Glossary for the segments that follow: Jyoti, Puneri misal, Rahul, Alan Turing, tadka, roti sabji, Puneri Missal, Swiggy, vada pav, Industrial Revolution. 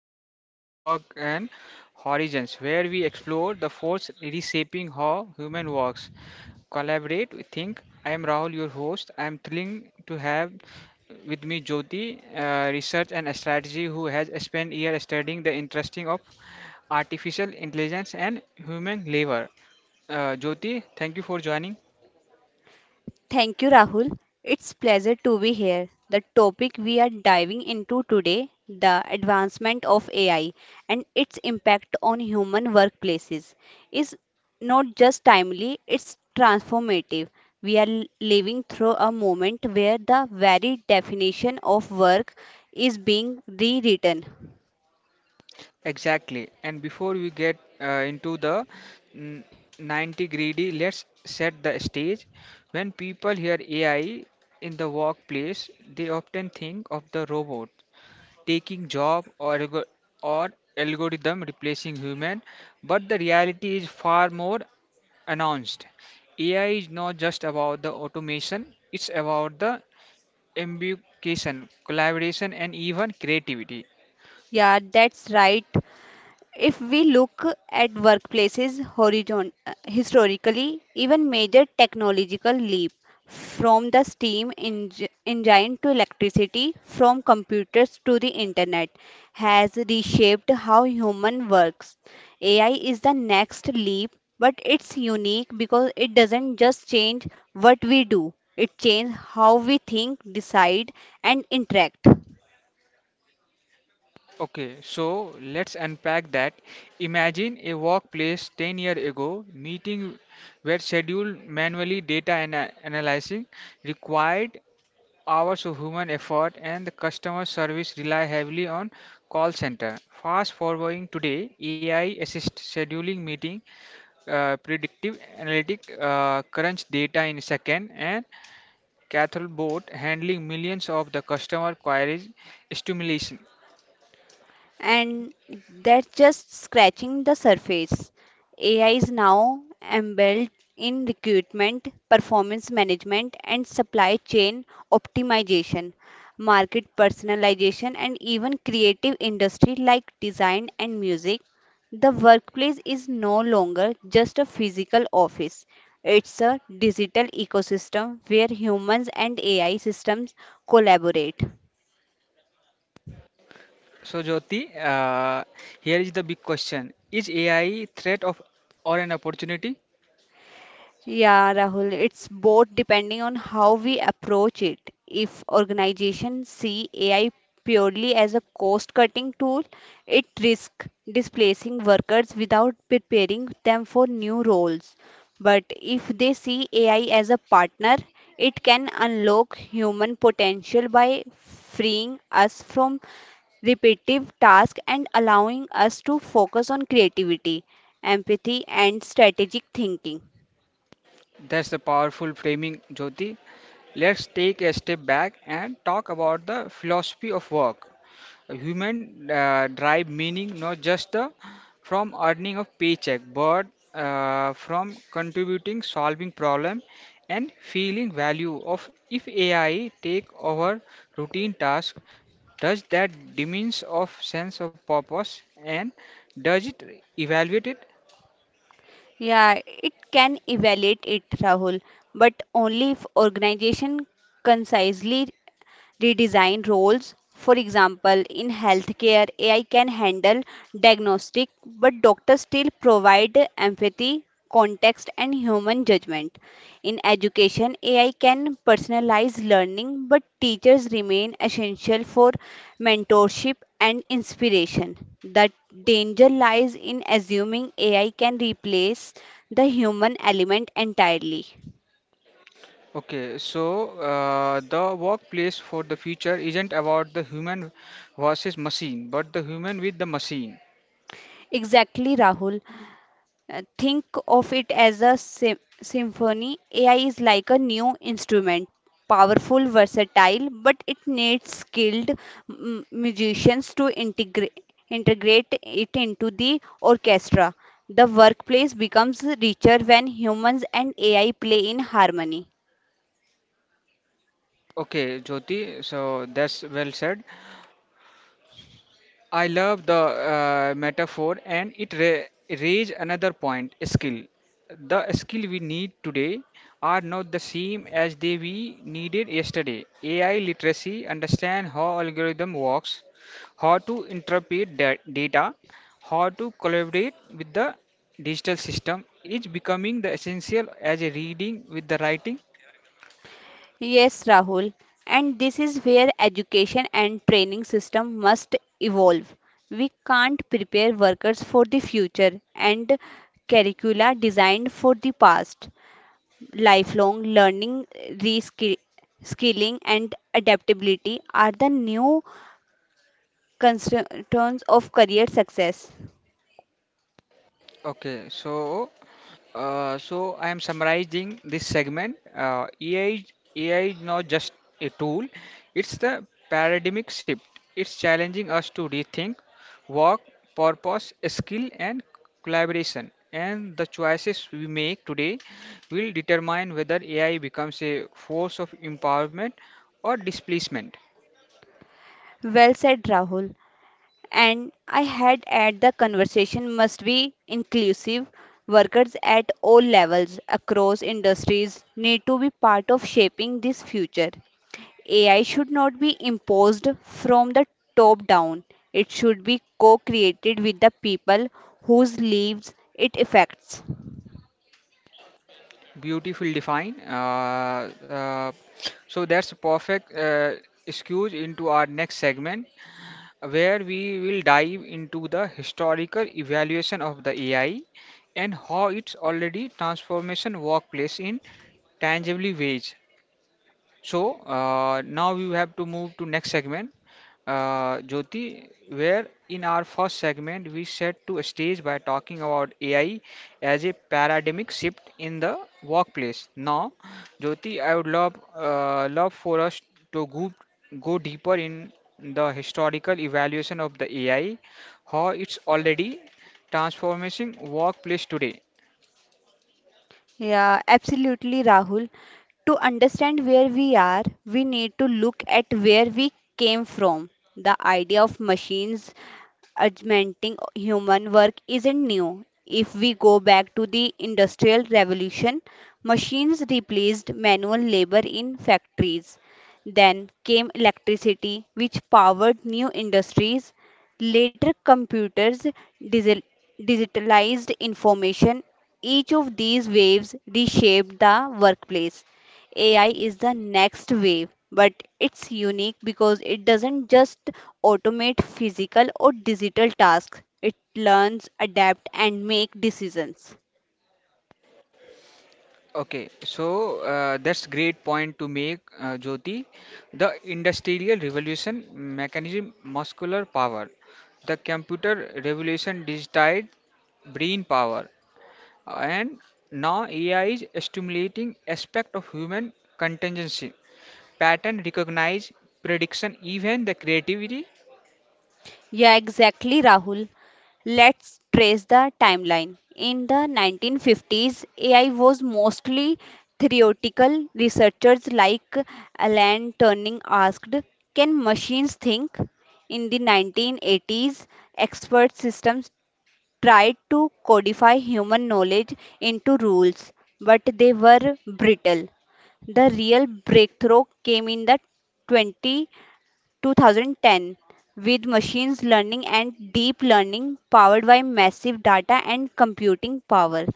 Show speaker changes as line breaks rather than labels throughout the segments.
Today episode Work and Horizons, where we explore the force reshaping how human works, collaborate, think. I am Rahul, your host. I am thrilling to have with me Jyoti, research and strategy, who has spent years studying the interesting of artificial intelligence and human labor. Jyoti, thank you for joining.
Thank you, Rahul. It's pleasure to be here. The topic we are diving into today, the advancement of AI and its impact on human workplaces, is not just timely, it's transformative. We are living through a moment where the very definition of work is being rewritten.
Exactly. And before we get into the mm, 90 greedy, let's set the stage. When people hear AI in the workplace, they often think of the robot taking job or or algorithm replacing human, but the reality is far more announced. AI is not just about the automation, it's about the ambication, collaboration, and even creativity.
Yeah, that's right. If we look at workplaces historically, even major technological leap from the engine to electricity, from computers to the internet, has reshaped how human works. AI is the next leap, but it's unique because it doesn't just change what we do, it changes how we think, decide, and interact.
Okay, so let's unpack that. Imagine a workplace 10 years ago, meeting were scheduled manually, analyzing required hours of human effort, and the customer service rely heavily on call center. Fast forwarding today, AI assist scheduling meeting, predictive analytic crunch data in second, and Cathol bot handling millions of the customer queries stimulation.
And that's just scratching the surface. AI is now embedded in recruitment, performance management, and supply chain optimization, market personalization, and even creative industry like design and music. The workplace is no longer just a physical office. It's a digital ecosystem where humans and AI systems collaborate.
So Jyoti, here is the big question: is AI threat of or an opportunity?
Yeah, Rahul, it's both depending on how we approach it. If organizations see AI purely as a cost-cutting tool, it risks displacing workers without preparing them for new roles. But if they see AI as a partner, it can unlock human potential by freeing us from repetitive tasks and allowing us to focus on creativity, empathy, and strategic thinking.
That's the powerful framing, Jyoti. Let's take a step back and talk about the philosophy of work. A human drive meaning not just from earning of paycheck, but from contributing, solving problem, and feeling value of if AI take over routine task, does that diminish of sense of purpose and does it evaluate it?
Yeah, it can evaluate it, Rahul, but only if organization concisely redesign roles. For example, in healthcare, AI can handle diagnostic, but doctors still provide empathy, context, and human judgment. In education, AI can personalize learning, but teachers remain essential for mentorship and inspiration. The danger lies in assuming AI can replace the human element entirely.
Okay, so the workplace for the future isn't about the human versus machine, but the human with the machine.
Exactly, Rahul. Think of it as a symphony. AI is like a new instrument, powerful, versatile, but it needs skilled musicians to integrate it into the orchestra. The workplace becomes richer when humans and AI play in harmony.
Okay, Jyoti, so that's well said. I love the metaphor and it raise another point skill. The skill we need today are not the same as they we needed yesterday. AI literacy, understand how algorithm works, how to interpret data, how to collaborate with the digital system is becoming the essential as a reading with the writing.
Yes, Rahul, and this is where education and training system must evolve. We can't prepare workers for the future and curricula designed for the past. Lifelong learning, reskilling, and adaptability are the new constituents of career success.
Okay, so so I am summarizing this segment. AI is not just a tool; it's the paradigmic shift. It's challenging us to rethink work, purpose, skill, and collaboration. And the choices we make today will determine whether AI becomes a force of empowerment or displacement.
Well said, Rahul. And I had at the conversation must be inclusive. Workers at all levels across industries need to be part of shaping this future. AI should not be imposed from the top down. It should be co-created with the people whose lives it affects.
Beautiful define. So that's perfect excuse into our next segment where we will dive into the historical evaluation of the AI and how it's already transformation workplace in tangible ways. So now we have to move to next segment, Jyoti, where in our first segment we set to stage by talking about AI as a paradigmic shift in the workplace. Now, Jyoti, I would love for us to go deeper in the historical evaluation of the AI, how it's already transforming workplace today.
Yeah, absolutely, Rahul. To understand where we are, we need to look at where we came from. The idea of machines augmenting human work isn't new. If we go back to the Industrial Revolution, machines replaced manual labor in factories. Then came electricity, which powered new industries. Later, computers digi- digitalized information. Each of these waves reshaped the workplace. AI is the next wave, but it's unique because it doesn't just automate physical or digital tasks, it learns, adapt, and make decisions.
Okay, so that's great point to make, Jyoti. The industrial revolution mechanism muscular power, the computer revolution digitized brain power, and now AI is stimulating aspect of human contingency, pattern recognize, prediction, even the creativity.
Yeah, exactly, Rahul. Let's trace the timeline. In the 1950s, AI was mostly theoretical. Researchers like Alan Turing asked, "Can machines think?" In the 1980s, expert systems tried to codify human knowledge into rules, but they were brittle. The real breakthrough came in the 20, 2010 with machines learning and deep learning powered by massive data and computing power.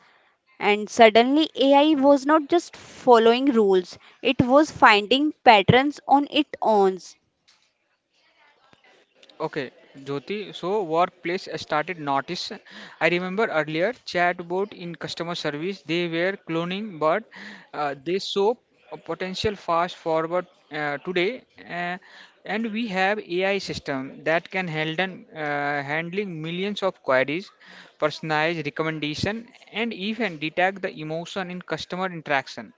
And suddenly, AI was not just following rules, it was finding patterns on its own.
Okay, Jyoti, so workplace started notice. I remember earlier chatbot in customer service, they were cloning, but they saw a potential fast forward today. Uh, and we have AI system that can handle handling millions of queries, personalize recommendation, and even detect the emotion in customer interaction.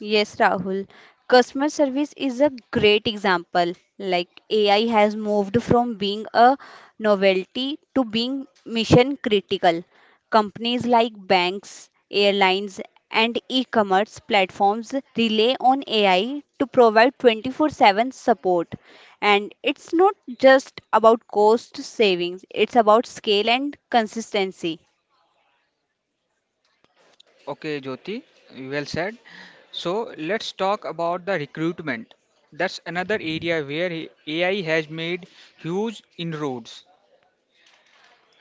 Yes, Rahul. Customer service is a great example. Like AI has moved from being a novelty to being mission critical. Companies like banks, airlines, and e commerce platforms rely on AI to provide 24/7 support. And it's not just about cost savings, it's about scale and consistency.
Okay, Jyoti, well said. So let's talk about the recruitment. That's another area where AI has made huge inroads.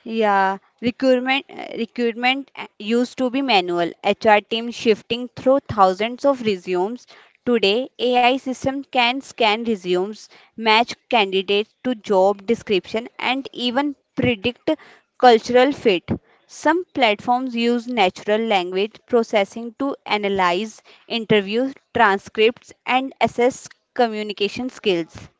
Recruitment used to be manual, HR team shifting through thousands of resumes. Today, AI system can scan resumes, match candidates to job description, and even predict cultural fit. Some platforms use natural language processing to analyze interview transcripts and assess communication skills.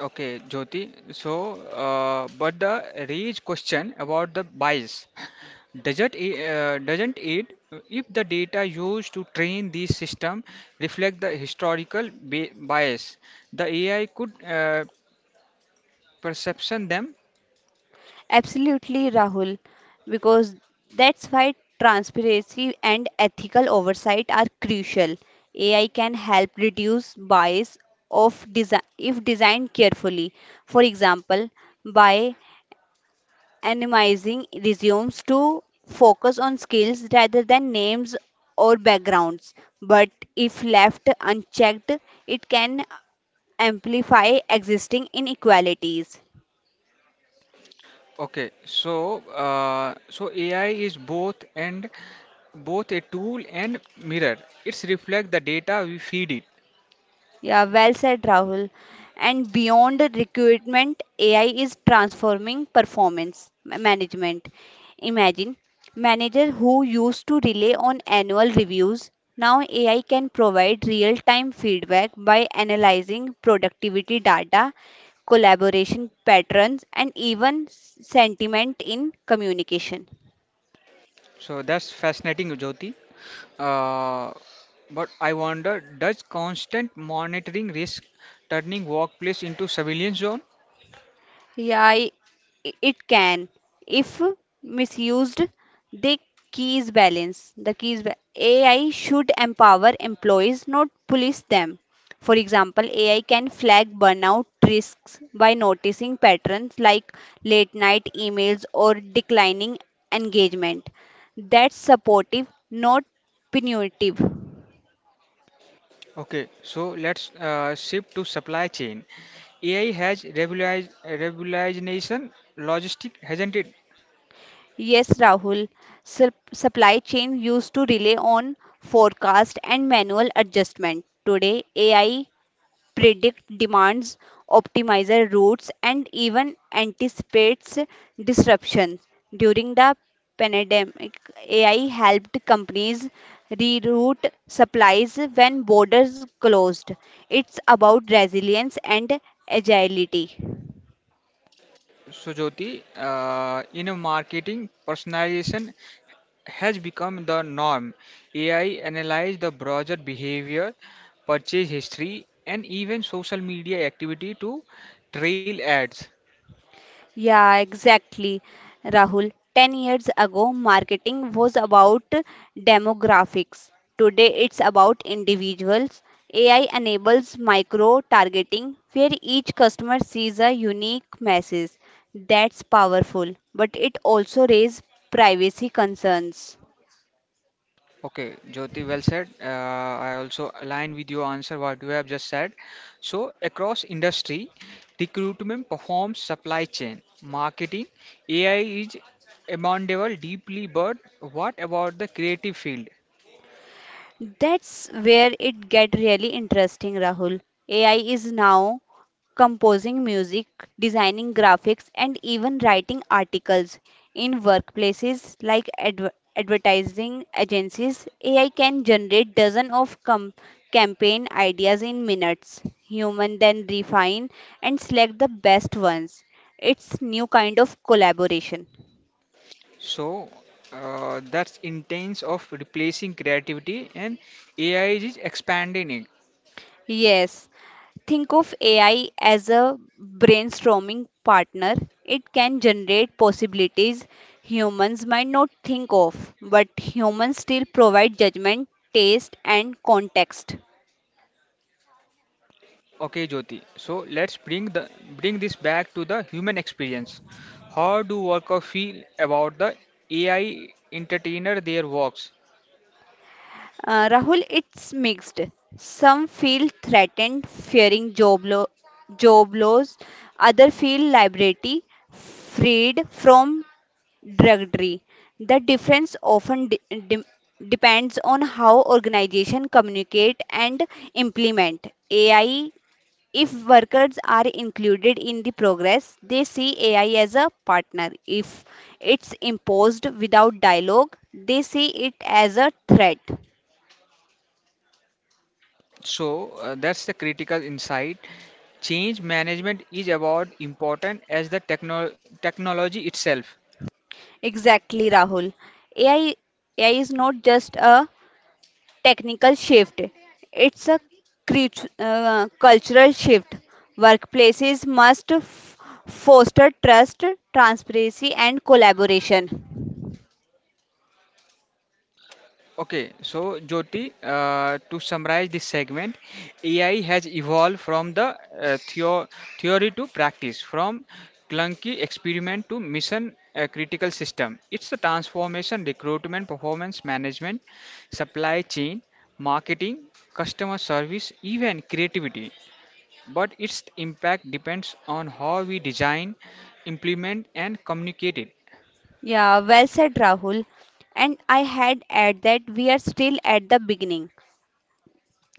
Okay, Jyoti. So, but the raised question about the bias. Doesn't it if the data used to train this system reflect the historical bias? The AI could perception them.
Absolutely, Rahul, because that's why transparency and ethical oversight are crucial. AI can help reduce bias of desi if designed carefully. For example, by anonymizing resumes to focus on skills rather than names or backgrounds. But if left unchecked, it can amplify existing inequalities.
Okay, so so AI is both a tool and mirror. It's reflect the data we feed it.
Yeah, well said, Rahul. And beyond recruitment, AI is transforming performance management. Imagine managers who used to rely on annual reviews. Now, AI can provide real time feedback by analyzing productivity data, collaboration patterns, and even sentiment in communication.
So that's fascinating, Jyoti. Uh, but I wonder, does constant monitoring risk turning workplace into surveillance zone?
Yeah, it can. If misused, the keys balance. AI should empower employees, not police them. For example, AI can flag burnout risks by noticing patterns like late night emails or declining engagement. That's supportive, not punitive.
Okay, so let's shift to supply chain. AI has revolutionized revolutionization logistic, hasn't it?
Yes, Rahul. Supply chain used to rely on forecast and manual adjustment. Today, AI predict demands, optimizes routes, and even anticipates disruptions. During the pandemic, AI helped companies reroute supplies when borders closed. It's about resilience and agility.
So, Jyoti, in marketing, personalization has become the norm. AI analyzes the browser behavior, purchase history, and even social media activity to trail ads.
Yeah, exactly, Rahul. 10 years ago, marketing was about demographics. Today, it's about individuals. AI enables micro targeting where each customer sees a unique message. That's powerful, but it also raises privacy concerns.
Okay, Jyoti, well said. I also align with your answer what you have just said. So, across industry, recruitment performs supply chain, marketing, AI is amenable deeply, but what about the creative field?
That's where it get really interesting, Rahul. AI is now composing music, designing graphics, and even writing articles. In workplaces like advertising agencies, AI can generate dozens of campaign ideas in minutes. Human then refine and select the best ones. It's new kind of collaboration.
So that's intense of replacing creativity and AI is expanding it.
Yes, think of AI as a brainstorming partner. It can generate possibilities humans might not think of, but humans still provide judgment, taste, and context.
Okay, Jyoti. So let's bring this back to the human experience. How do workers feel about the AI entertainer their works?
Rahul, it's mixed. Some feel threatened, fearing job loss. Others feel liberty, freed from drudgery. The difference often de- depends on how organizations communicate and implement AI. If workers are included in the progress, they see AI as a partner. If it's imposed without dialogue, they see it as a threat.
So that's the critical insight. Change management is about important as the technology itself.
Exactly, Rahul. AI, AI is not just a technical shift, it's a cultural shift. Workplaces must foster trust, transparency, and collaboration.
Okay, so Jyoti, to summarize this segment, AI has evolved from the theory to practice, from clunky experiment to mission critical system. It's the transformation, recruitment, performance management, supply chain, marketing, customer service, even creativity. But its impact depends on how we design, implement, and communicate it.
Yeah, well said, Rahul. And I had add that we are still at the beginning.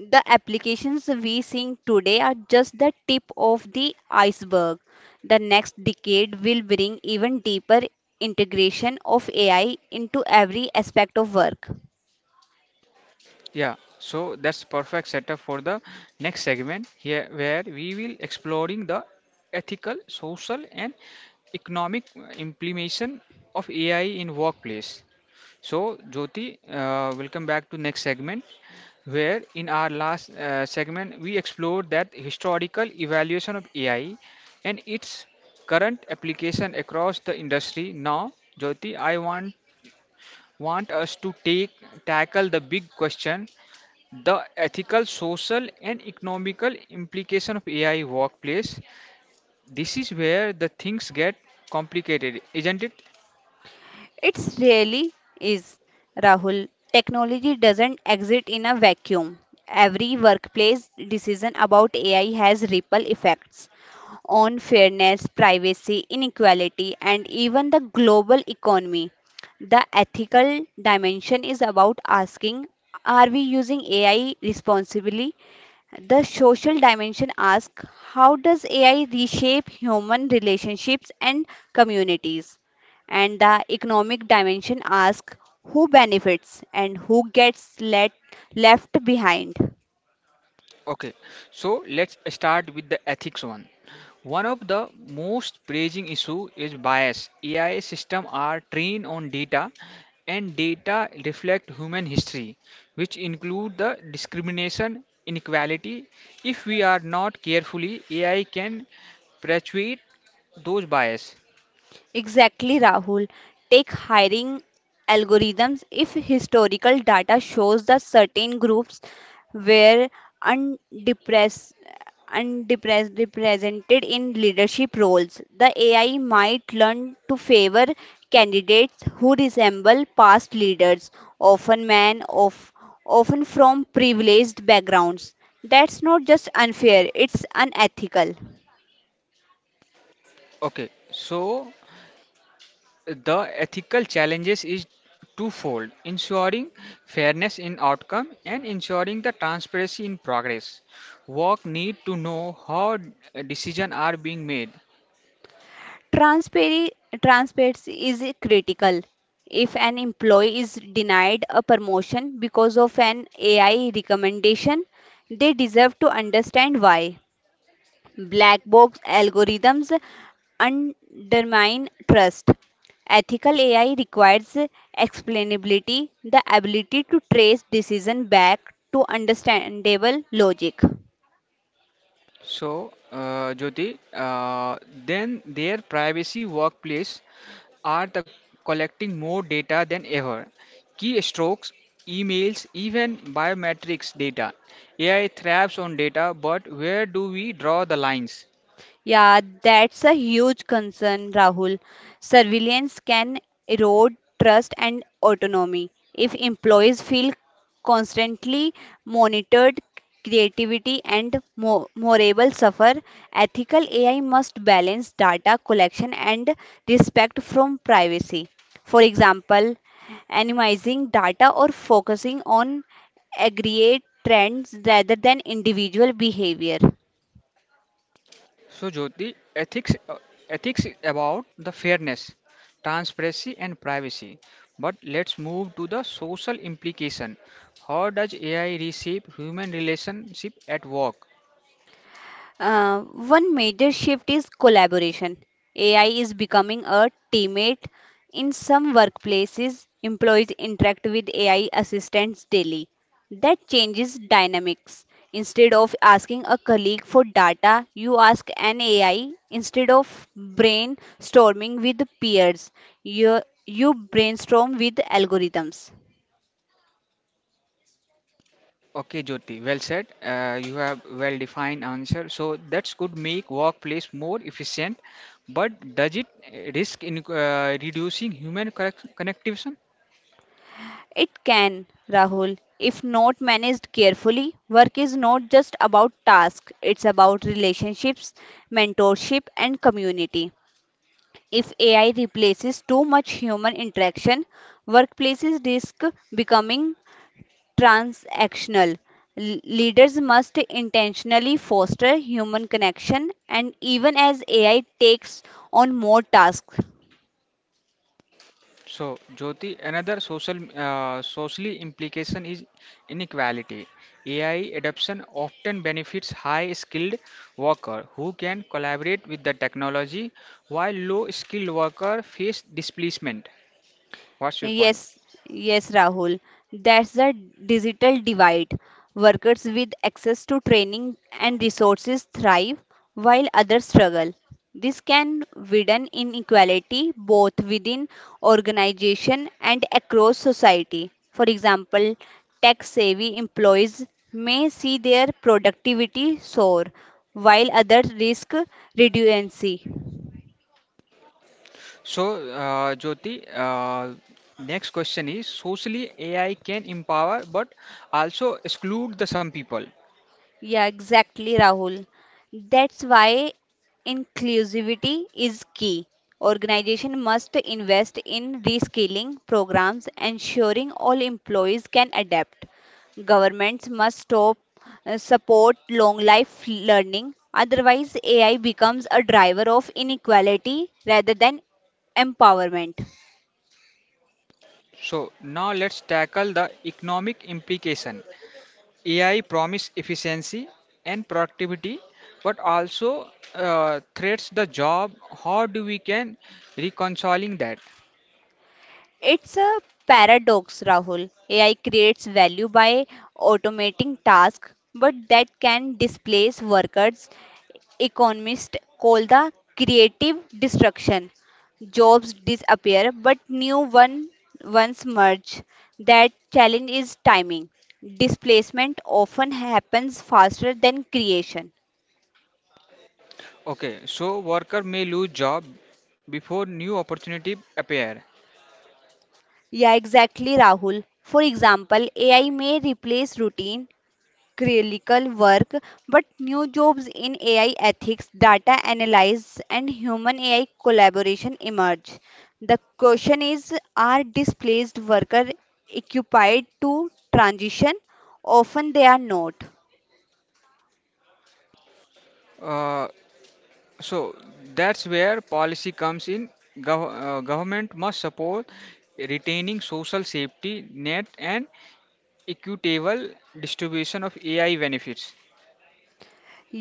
The applications we seeing today are just the tip of the iceberg. The next decade will bring even deeper integration of AI into every aspect of work.
Yeah, so that's perfect setup for the next segment here where we will exploring the ethical, social and economic implication of AI in workplace. So Jyoti, welcome back to next segment where in our last segment we explored that historical evaluation of AI and its current application across the industry. Now, Jyoti, I want us to take tackle the big question, the ethical social and economical implication of ai workplace. This is where the things get complicated, isn't it?
It's really is, Rahul. Technology doesn't exist in a vacuum. Every workplace decision about AI has ripple effects on fairness, privacy, inequality, and even the global economy. The ethical dimension is about asking, are we using AI responsibly? The social dimension asks, how does AI reshape human relationships and communities? And the economic dimension asks, who benefits and who gets left behind.
Okay, so let's start with the ethics One of the most pressing issue is bias. Ai system are trained on data, and data reflect human history, which include the discrimination inequality. If we are not carefully, ai can perpetuate those bias.
Exactly, Rahul. Take hiring algorithms. If historical data shows that certain groups were undepressed, undepressed represented in leadership roles, the AI might learn to favor candidates who resemble past leaders, often men of often from privileged backgrounds. That's not just unfair, it's unethical.
Okay, so the ethical challenges is twofold: ensuring fairness in outcome and ensuring the transparency in progress. Work need to know how decisions are being made.
Transparency, transparency is critical. If an employee is denied a promotion because of an AI recommendation, they deserve to understand why. Black box algorithms undermine trust. Ethical AI requires explainability, the ability to trace decision back to understandable logic.
So, Jyoti, then their privacy workplace are the collecting more data than ever. Key strokes, emails, even biometrics data. AI thrives on data, but where do we draw the lines?
Yeah, that's a huge concern, Rahul. Surveillance can erode trust and autonomy. If employees feel constantly monitored, creativity and morale suffer. Ethical AI must balance data collection and respect from privacy. For example, anonymizing data or focusing on aggregate trends rather than individual behavior.
So, Jyoti, ethics is about the fairness, transparency, and privacy. But let's move to the social implication. How does AI reshape human relationship at work?
Uh, one major shift is collaboration. AI is becoming a teammate. In some workplaces, employees interact with AI assistants daily. That changes dynamics. Instead of asking a colleague for data, you ask an AI. Instead of brainstorming with peers, you brainstorm with algorithms.
Okay, Jyoti, well said. You have well defined answer. So that could make workplace more efficient, but does it risk in reducing human connectivity?
It can, Rahul, if not managed carefully. Work is not just about tasks, it's about relationships, mentorship, and community. If AI replaces too much human interaction, workplaces risk becoming transactional. Leaders must intentionally foster human connection, and even as AI takes on more tasks,
So, Jyoti, another socially implication is inequality. AI adoption often benefits high-skilled worker who can collaborate with the technology, while low-skilled worker face displacement. What's your point?
yes, yes, Rahul. That's the digital divide. Workers with access to training and resources thrive while others struggle. This can widen inequality both within organization and across society. For example, tech-savvy employees may see their productivity soar, while others risk redundancy.
So, Jyoti, next question is socially AI can empower but also exclude the some people.
Yeah, exactly, Rahul. That's why inclusivity is key. Organization must invest in reskilling programs, ensuring all employees can adapt. Governments must stop support long life learning. Otherwise, AI becomes a driver of inequality rather than empowerment.
So now let's tackle the economic implication. AI promise efficiency and productivity, but also threats the job. How do we can reconciling that?
It's a paradox, Rahul. AI creates value by automating tasks, but that can displace workers. Economists call the creative destruction. Jobs disappear, but ones merge. That challenge is timing. Displacement often happens faster than creation.
Okay, so worker may lose job before new opportunity appear.
Yeah, exactly, Rahul. For example, AI may replace routine clerical work, but new jobs in AI ethics, data analysis, and human AI collaboration emerge. The question is, are displaced workers equipped to transition? Often they are not.
Uh, so that's where policy comes in. Government must support retaining social safety net and equitable distribution of AI benefits.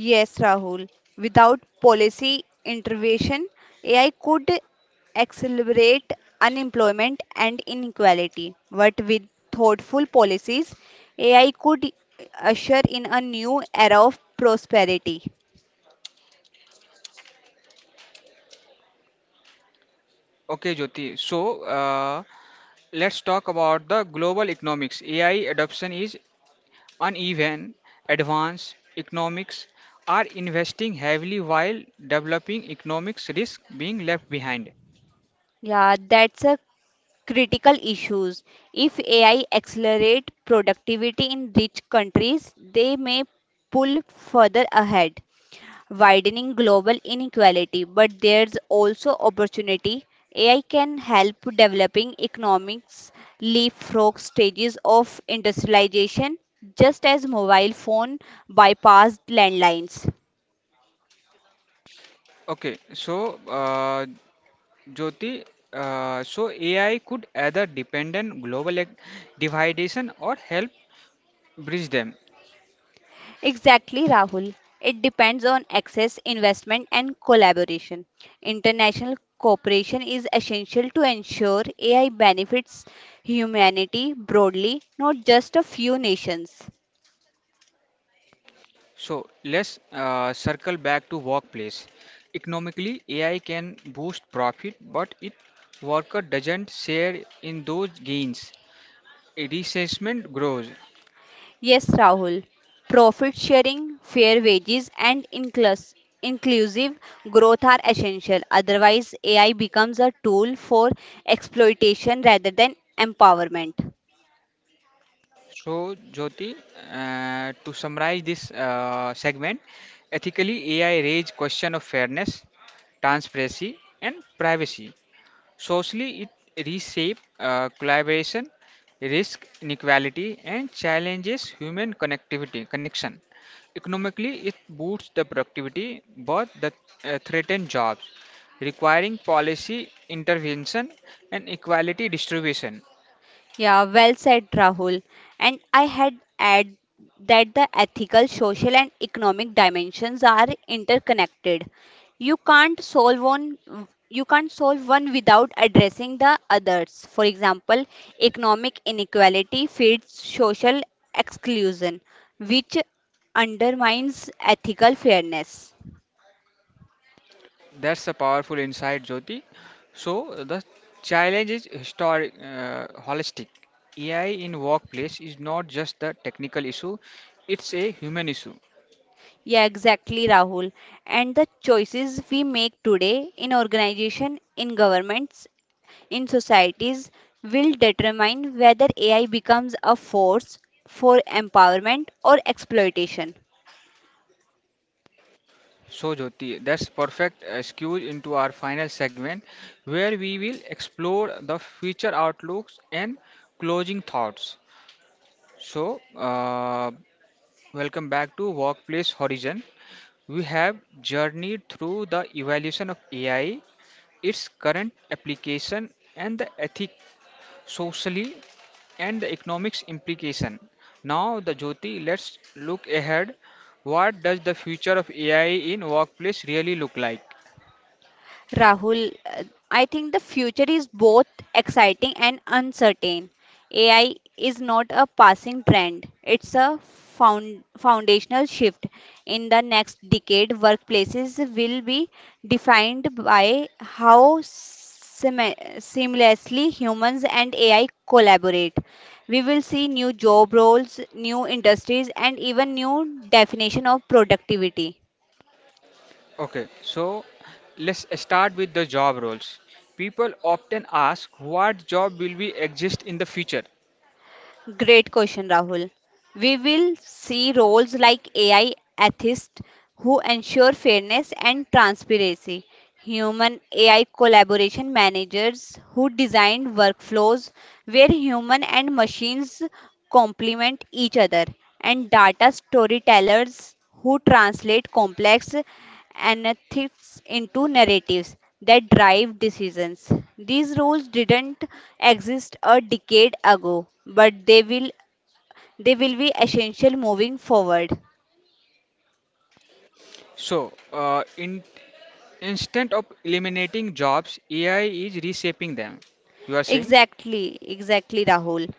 Yes, Rahul. Without policy intervention, AI could accelerate unemployment and inequality. But with thoughtful policies, AI could usher in a new era of prosperity.
Okay, Jyoti. So, let's talk about the global economics. AI adoption is uneven. Advanced economics are investing heavily while developing economics risk being left behind.
Yeah, that's a critical issue. If AI accelerate productivity in rich countries, they may pull further ahead, widening global inequality, but there's also opportunity. AI can help developing economics leapfrog stages of industrialization, just as mobile phone bypassed landlines.
Okay, so Jyoti, so AI could either depend on global dividation or help bridge them.
Exactly, Rahul. It depends on access, investment, and collaboration. International cooperation is essential to ensure AI benefits humanity broadly, not just a few nations.
So let's circle back to workplace. Economically, AI can boost profit, but it worker doesn't share in those gains. Resentment grows.
Yes, Rahul. Profit sharing, fair wages, and inclusive growth are essential. Otherwise, AI becomes a tool for exploitation rather than empowerment.
So Jyoti, to summarize this segment, ethically AI raise question of fairness, transparency, and privacy. Socially, it reshapes collaboration, risk inequality, and challenges human connectivity connection. Economically, it boosts the productivity, but the threatened jobs, requiring policy intervention and equality distribution.
Yeah, well said, Rahul. And I had add that the ethical, social, and economic dimensions are interconnected. You can't solve one you can't solve one without addressing the others. For example, economic inequality feeds social exclusion, which undermines ethical fairness.
That's a powerful insight, Jyoti. So the challenge is holistic. AI in workplace is not just the technical issue; it's a human issue.
Yeah, exactly, Rahul. And the choices we make today in organization, in governments, in societies will determine whether AI becomes a force for empowerment or exploitation.
So, Jyoti, that's perfect excuse into our final segment where we will explore the future outlooks and closing thoughts. So, welcome back to Workplace Horizon. We have journeyed through the evolution of AI, its current application, and the ethic socially, and the economics implication. Now, the Jyoti, let's look ahead. What does the future of AI in workplace really look like?
Rahul, I think the future is both exciting and uncertain. AI is not a passing trend, it's a foundational shift. In the next decade, workplaces will be defined by how seamlessly humans and AI collaborate. We will see new job roles, new industries, and even new definition of productivity.
Okay, so let's start with the job roles. People often ask what job will be exist in the future.
Great question, Rahul. We will see roles like AI ethist who ensure fairness and transparency, human AI collaboration managers who designed workflows where human and machines complement each other, and data storytellers who translate complex analytics into narratives that drive decisions. These roles didn't exist a decade ago, but they will be essential moving forward.
So, in instead of eliminating jobs, AI is reshaping them. You are saying?
Exactly, Rahul.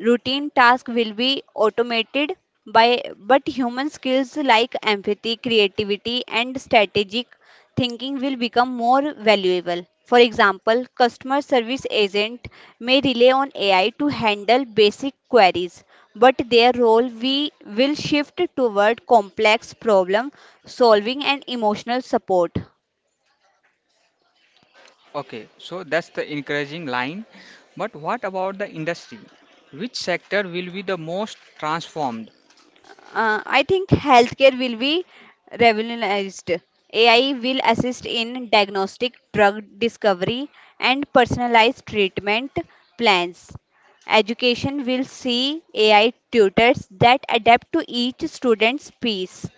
Routine tasks will be automated by but human skills like empathy, creativity, and strategic thinking will become more valuable. For example, customer service agent may rely on AI to handle basic queries, but their role we will shift toward complex problem solving and emotional support.
Okay, so that's the encouraging line. But what about the industry? Which sector will be the most transformed?
I think healthcare will be revolutionized. AI will assist in diagnostic, drug discovery, and personalized treatment plans. Education will see AI tutors that adapt to each student's pace.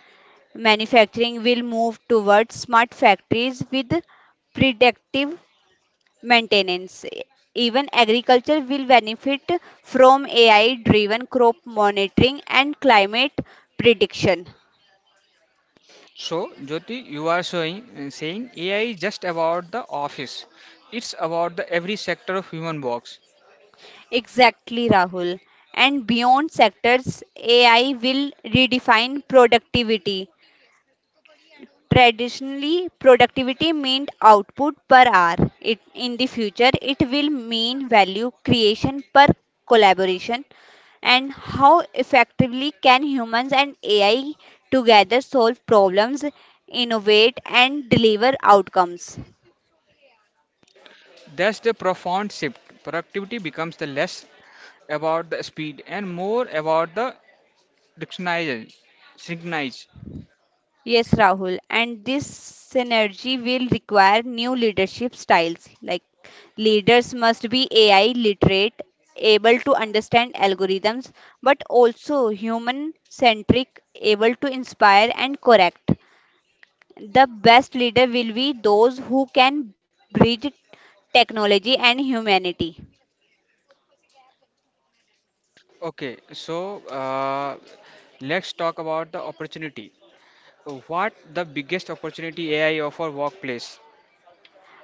Manufacturing will move towards smart factories with predictive maintenance. Even agriculture will benefit from AI driven crop monitoring and climate prediction.
So, Jyoti, you are saying AI is just about the office. It's about the every sector of human works.
Exactly, Rahul. And beyond sectors, AI will redefine productivity. Traditionally, productivity meant output per hour. In the future, it will mean value creation per collaboration. And how effectively can humans and AI together solve problems, innovate, and deliver outcomes?
That's the profound shift. Productivity becomes the less about the speed and more about the dictionary synchronize.
Yes, Rahul. And this synergy will require new leadership styles. Like, leaders must be AI literate, able to understand algorithms, but also human centric, able to inspire and correct. The best leader will be those who can bridge technology and humanity.
Okay, so let's talk about the opportunity. What the biggest opportunity AI offer workplace?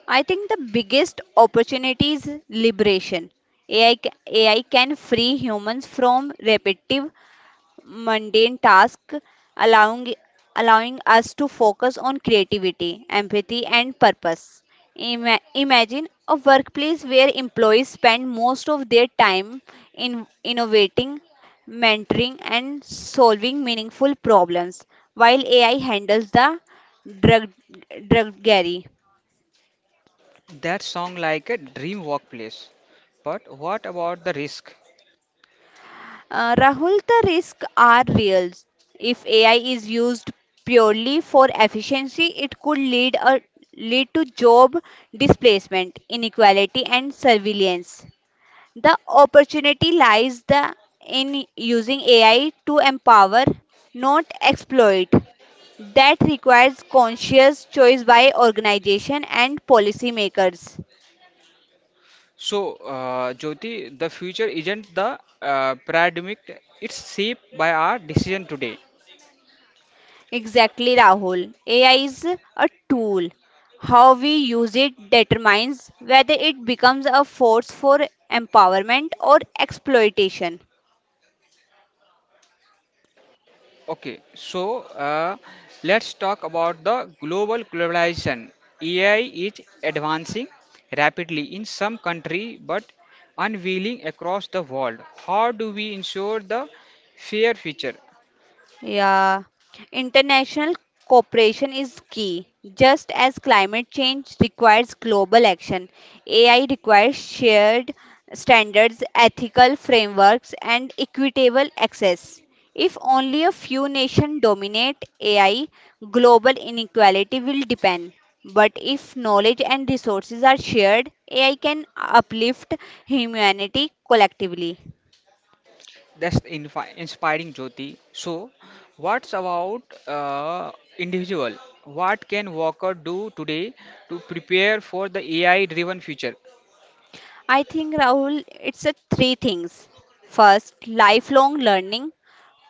I think the biggest opportunity is liberation. AI can free humans from repetitive mundane tasks, allowing, allowing us to focus on creativity, empathy, and purpose. Imagine a workplace where employees spend most of their time in innovating, mentoring, and solving meaningful problems, while AI handles the drug druggery.
That sound like a dream workplace. But what about the risk?
Rahul, the risks are real. If AI is used purely for efficiency, it could lead to job displacement, inequality, and surveillance. The opportunity lies in using AI to empower, not exploit. That requires conscious choice by organization and policymakers.
So, Jyoti, the future isn't the paradigmic, it's shaped by our decision today.
Exactly, Rahul. AI is a tool. How we use it determines whether it becomes a force for empowerment or exploitation.
Okay, so let's talk about the global globalization. AI is advancing rapidly in some country but unveiling across the world. How do we ensure the fair future?
Yeah, international cooperation is key. Just as climate change requires global action, AI requires shared standards, ethical frameworks, and equitable access. If only a few nations dominate AI, global inequality will depend. But if knowledge and resources are shared, AI can uplift humanity collectively.
That's the inspiring, Jyoti. So, what's about individual? What can worker do today to prepare for the AI-driven future?
I think, Rahul, it's a three things. First, lifelong learning,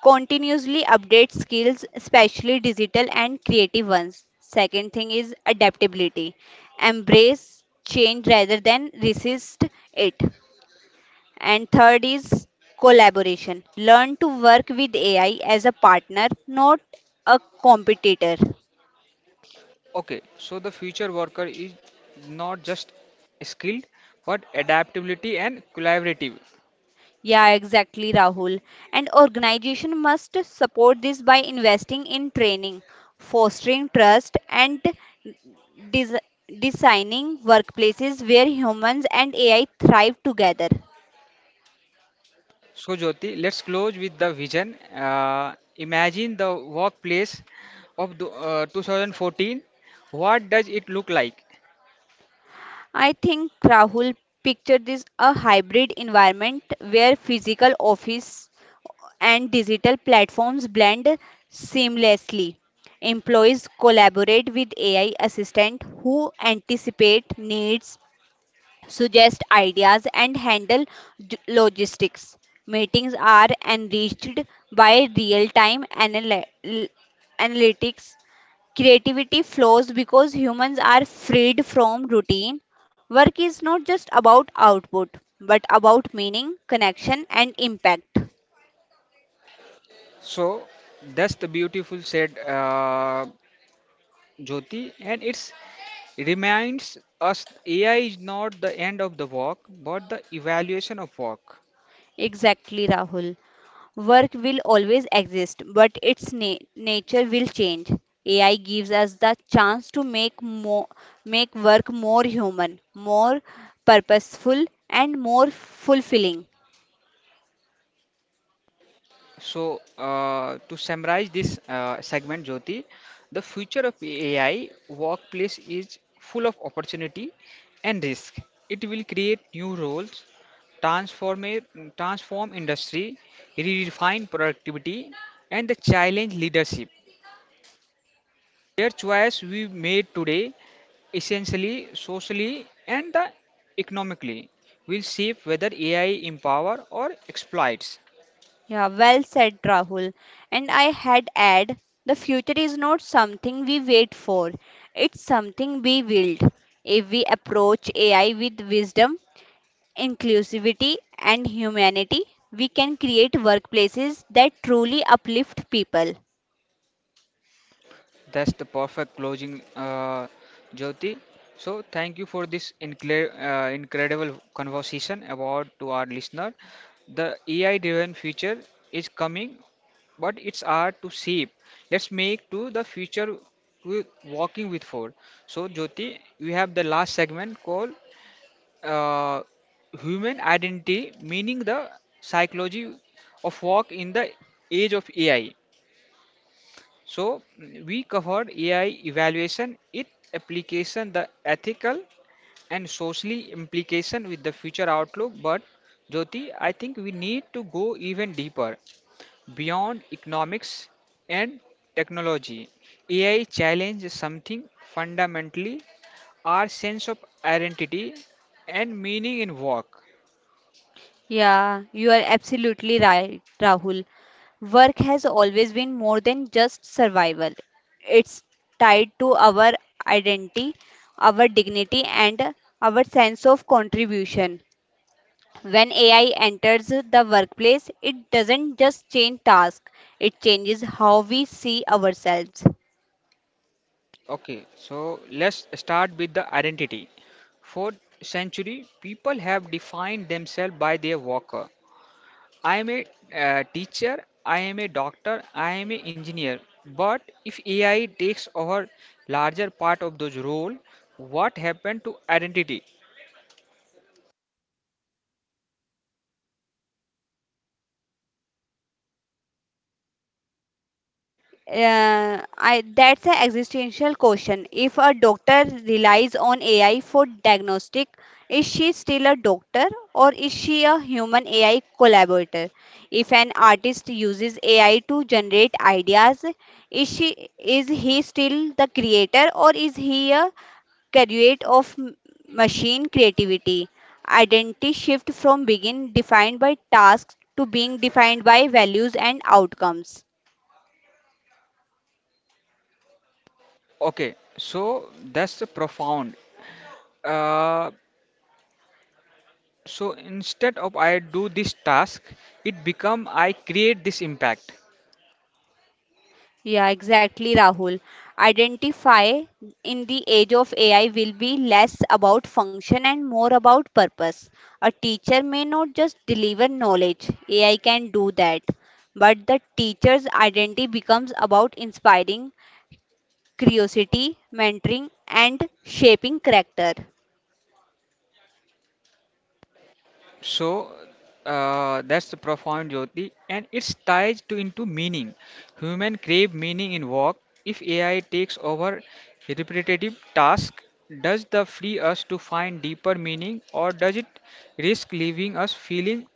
continuously update skills, especially digital and creative ones. Second thing is adaptability, embrace change rather than resist it. And third is collaboration, learn to work with AI as a partner, not a competitor.
Okay, so the future worker is not just skilled, but adaptability and collaborative.
Yeah, exactly, Rahul. And organization must support this by investing in training, fostering trust, and des- designing workplaces where humans and AI thrive together.
So, Jyoti, let's close with the vision. Imagine the workplace of 2014. What does it look like?
I think Rahul pictured this a hybrid environment where physical office and digital platforms blend seamlessly. Employees collaborate with AI assistant who anticipate needs, suggest ideas, and handle logistics. Meetings are enriched by real time analytics. Creativity flows because humans are freed from routine. Work is not just about output, but about meaning, connection, and impact.
So that's the beautiful said, Jyoti, and it reminds us AI is not the end of the work, but the evaluation of work.
Exactly, Rahul. Work will always exist, but its nature will change. AI gives us the chance to make work more human, more purposeful, and more fulfilling.
So, to summarize this segment, Jyoti, the future of AI workplace is full of opportunity and risk. It will create new roles, transform transform industry, redefine productivity, and the challenge leadership. Their choice we made today, essentially socially and the economically, will shape whether AI empower or exploits.
Yeah, well said, Rahul. And I had add, the future is not something we wait for; it's something we build. If we approach AI with wisdom, inclusivity, and humanity, we can create workplaces that truly uplift people.
That's the perfect closing, Jyoti. So thank you for this incredible conversation about to our listener. The AI-driven future is coming, but it's hard to shape. Let's make to the future with walking with for. So Jyoti, we have the last segment called uh, human identity, meaning the psychology of work in the age of AI. So we covered AI evaluation, its application, the ethical and socially implication with the future outlook. But Jyoti, I think we need to go even deeper beyond economics and technology. AI challenges something fundamentally our sense of identity and meaning in work.
Yeah, you are absolutely right, Rahul. Work has always been more than just survival. It's tied to our identity, our dignity, and our sense of contribution. When AI enters the workplace, it doesn't just change tasks, it changes how we see ourselves.
Okay, so let's start with the identity. Fourth century, people have defined themselves by their worker. I am a teacher, I am a doctor, I am an engineer. But if AI takes over larger part of those role, what happened to identity?
Uh, I that's an existential question. If a doctor relies on AI for diagnostic, is she still a doctor or is she a human AI collaborator? If an artist uses AI to generate ideas, is she is he still the creator or is he a graduate of machine creativity? Identity shift from being defined by tasks to being defined by values and outcomes.
Okay, so that's profound. Uh, so instead of I do this task, it become I create this impact.
Yeah, exactly, Rahul. Identify in the age of AI will be less about function and more about purpose. A teacher may not just deliver knowledge, AI can do that. But the teacher's identity becomes about inspiring curiosity, mentoring, and shaping character.
So that's the profound Jyoti, and it's tied to into meaning. Human crave meaning in work. If AI takes over repetitive tasks, does the free us to find deeper meaning, or does it risk leaving us feeling?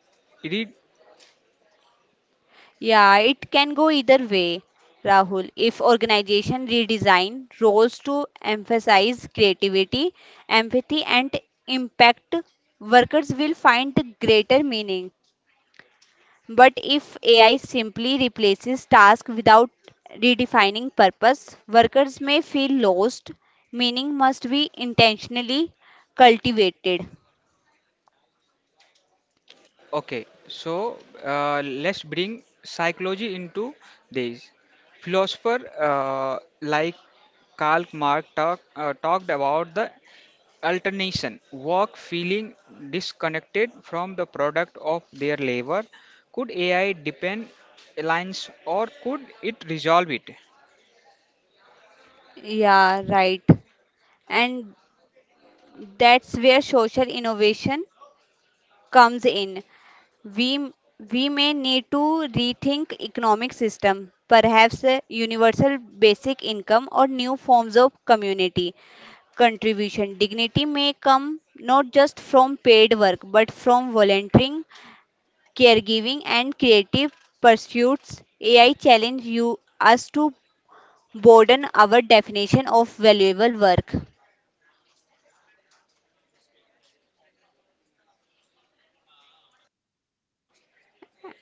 Yeah, it can go either way, Rahul. If organization redesign roles to emphasize creativity, empathy, and impact, workers will find greater meaning. But if AI simply replaces tasks without redefining purpose, workers may feel lost. Meaning must be intentionally cultivated.
Okay, so let's bring psychology into this. Philosopher like Karl Marx talked about the alternation work feeling disconnected from the product of their labor. Could AI depend alliance or could it resolve it?
Yeah, right. And that's where social innovation comes in. We, we may need to rethink economic system, perhaps a universal basic income or new forms of community contribution. Dignity may come not just from paid work, but from volunteering, caregiving, and creative pursuits. AI challenge you us to broaden our definition of valuable work.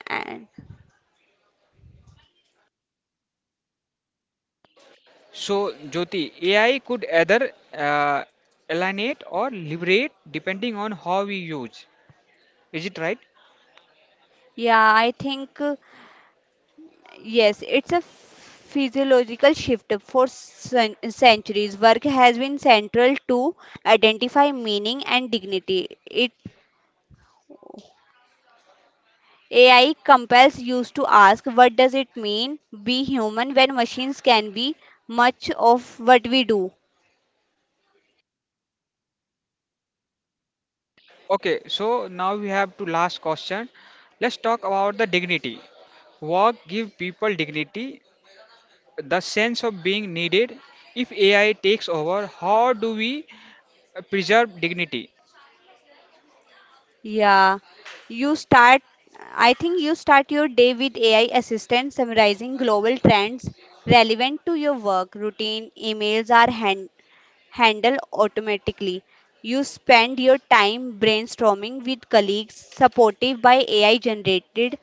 And
So, Jyoti, AI could either uh, alienate or liberate depending on how we use. Is it right?
yeah, I think. Yes, it's a physiological shift. For centuries, work has been central to identify meaning and dignity. It AI compels us to ask, what does it mean be human when machines can be much of what we do?
Okay, so now we have to last question. Let's talk about the dignity. Work give people dignity, the sense of being needed. If AI takes over, how do we preserve dignity?
Yeah, you start. I think you start your day with AI assistant summarizing global trends relevant to your work routine. Emails are handle automatically. You spend your time brainstorming with colleagues, supported by AI generated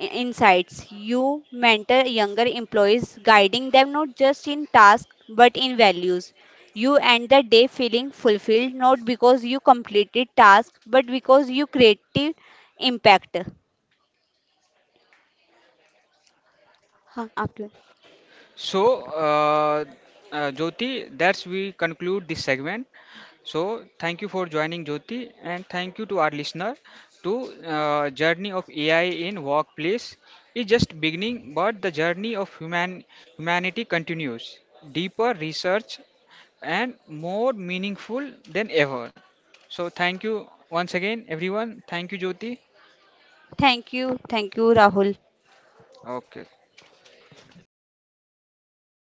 insights. You mentor younger employees, guiding them not just in tasks but in values. You end the day feeling fulfilled, not because you completed tasks but because you created impact. हाँ, आपके-
So, Jyoti, that's we conclude this segment. So, thank you for joining, Jyoti, and thank you to our listener. To journey of AI in workplace is just beginning, but the journey of humanity continues. Deeper research and more meaningful than ever. So, thank you once again, everyone. Thank you, Jyoti.
Thank you, Rahul.
Okay.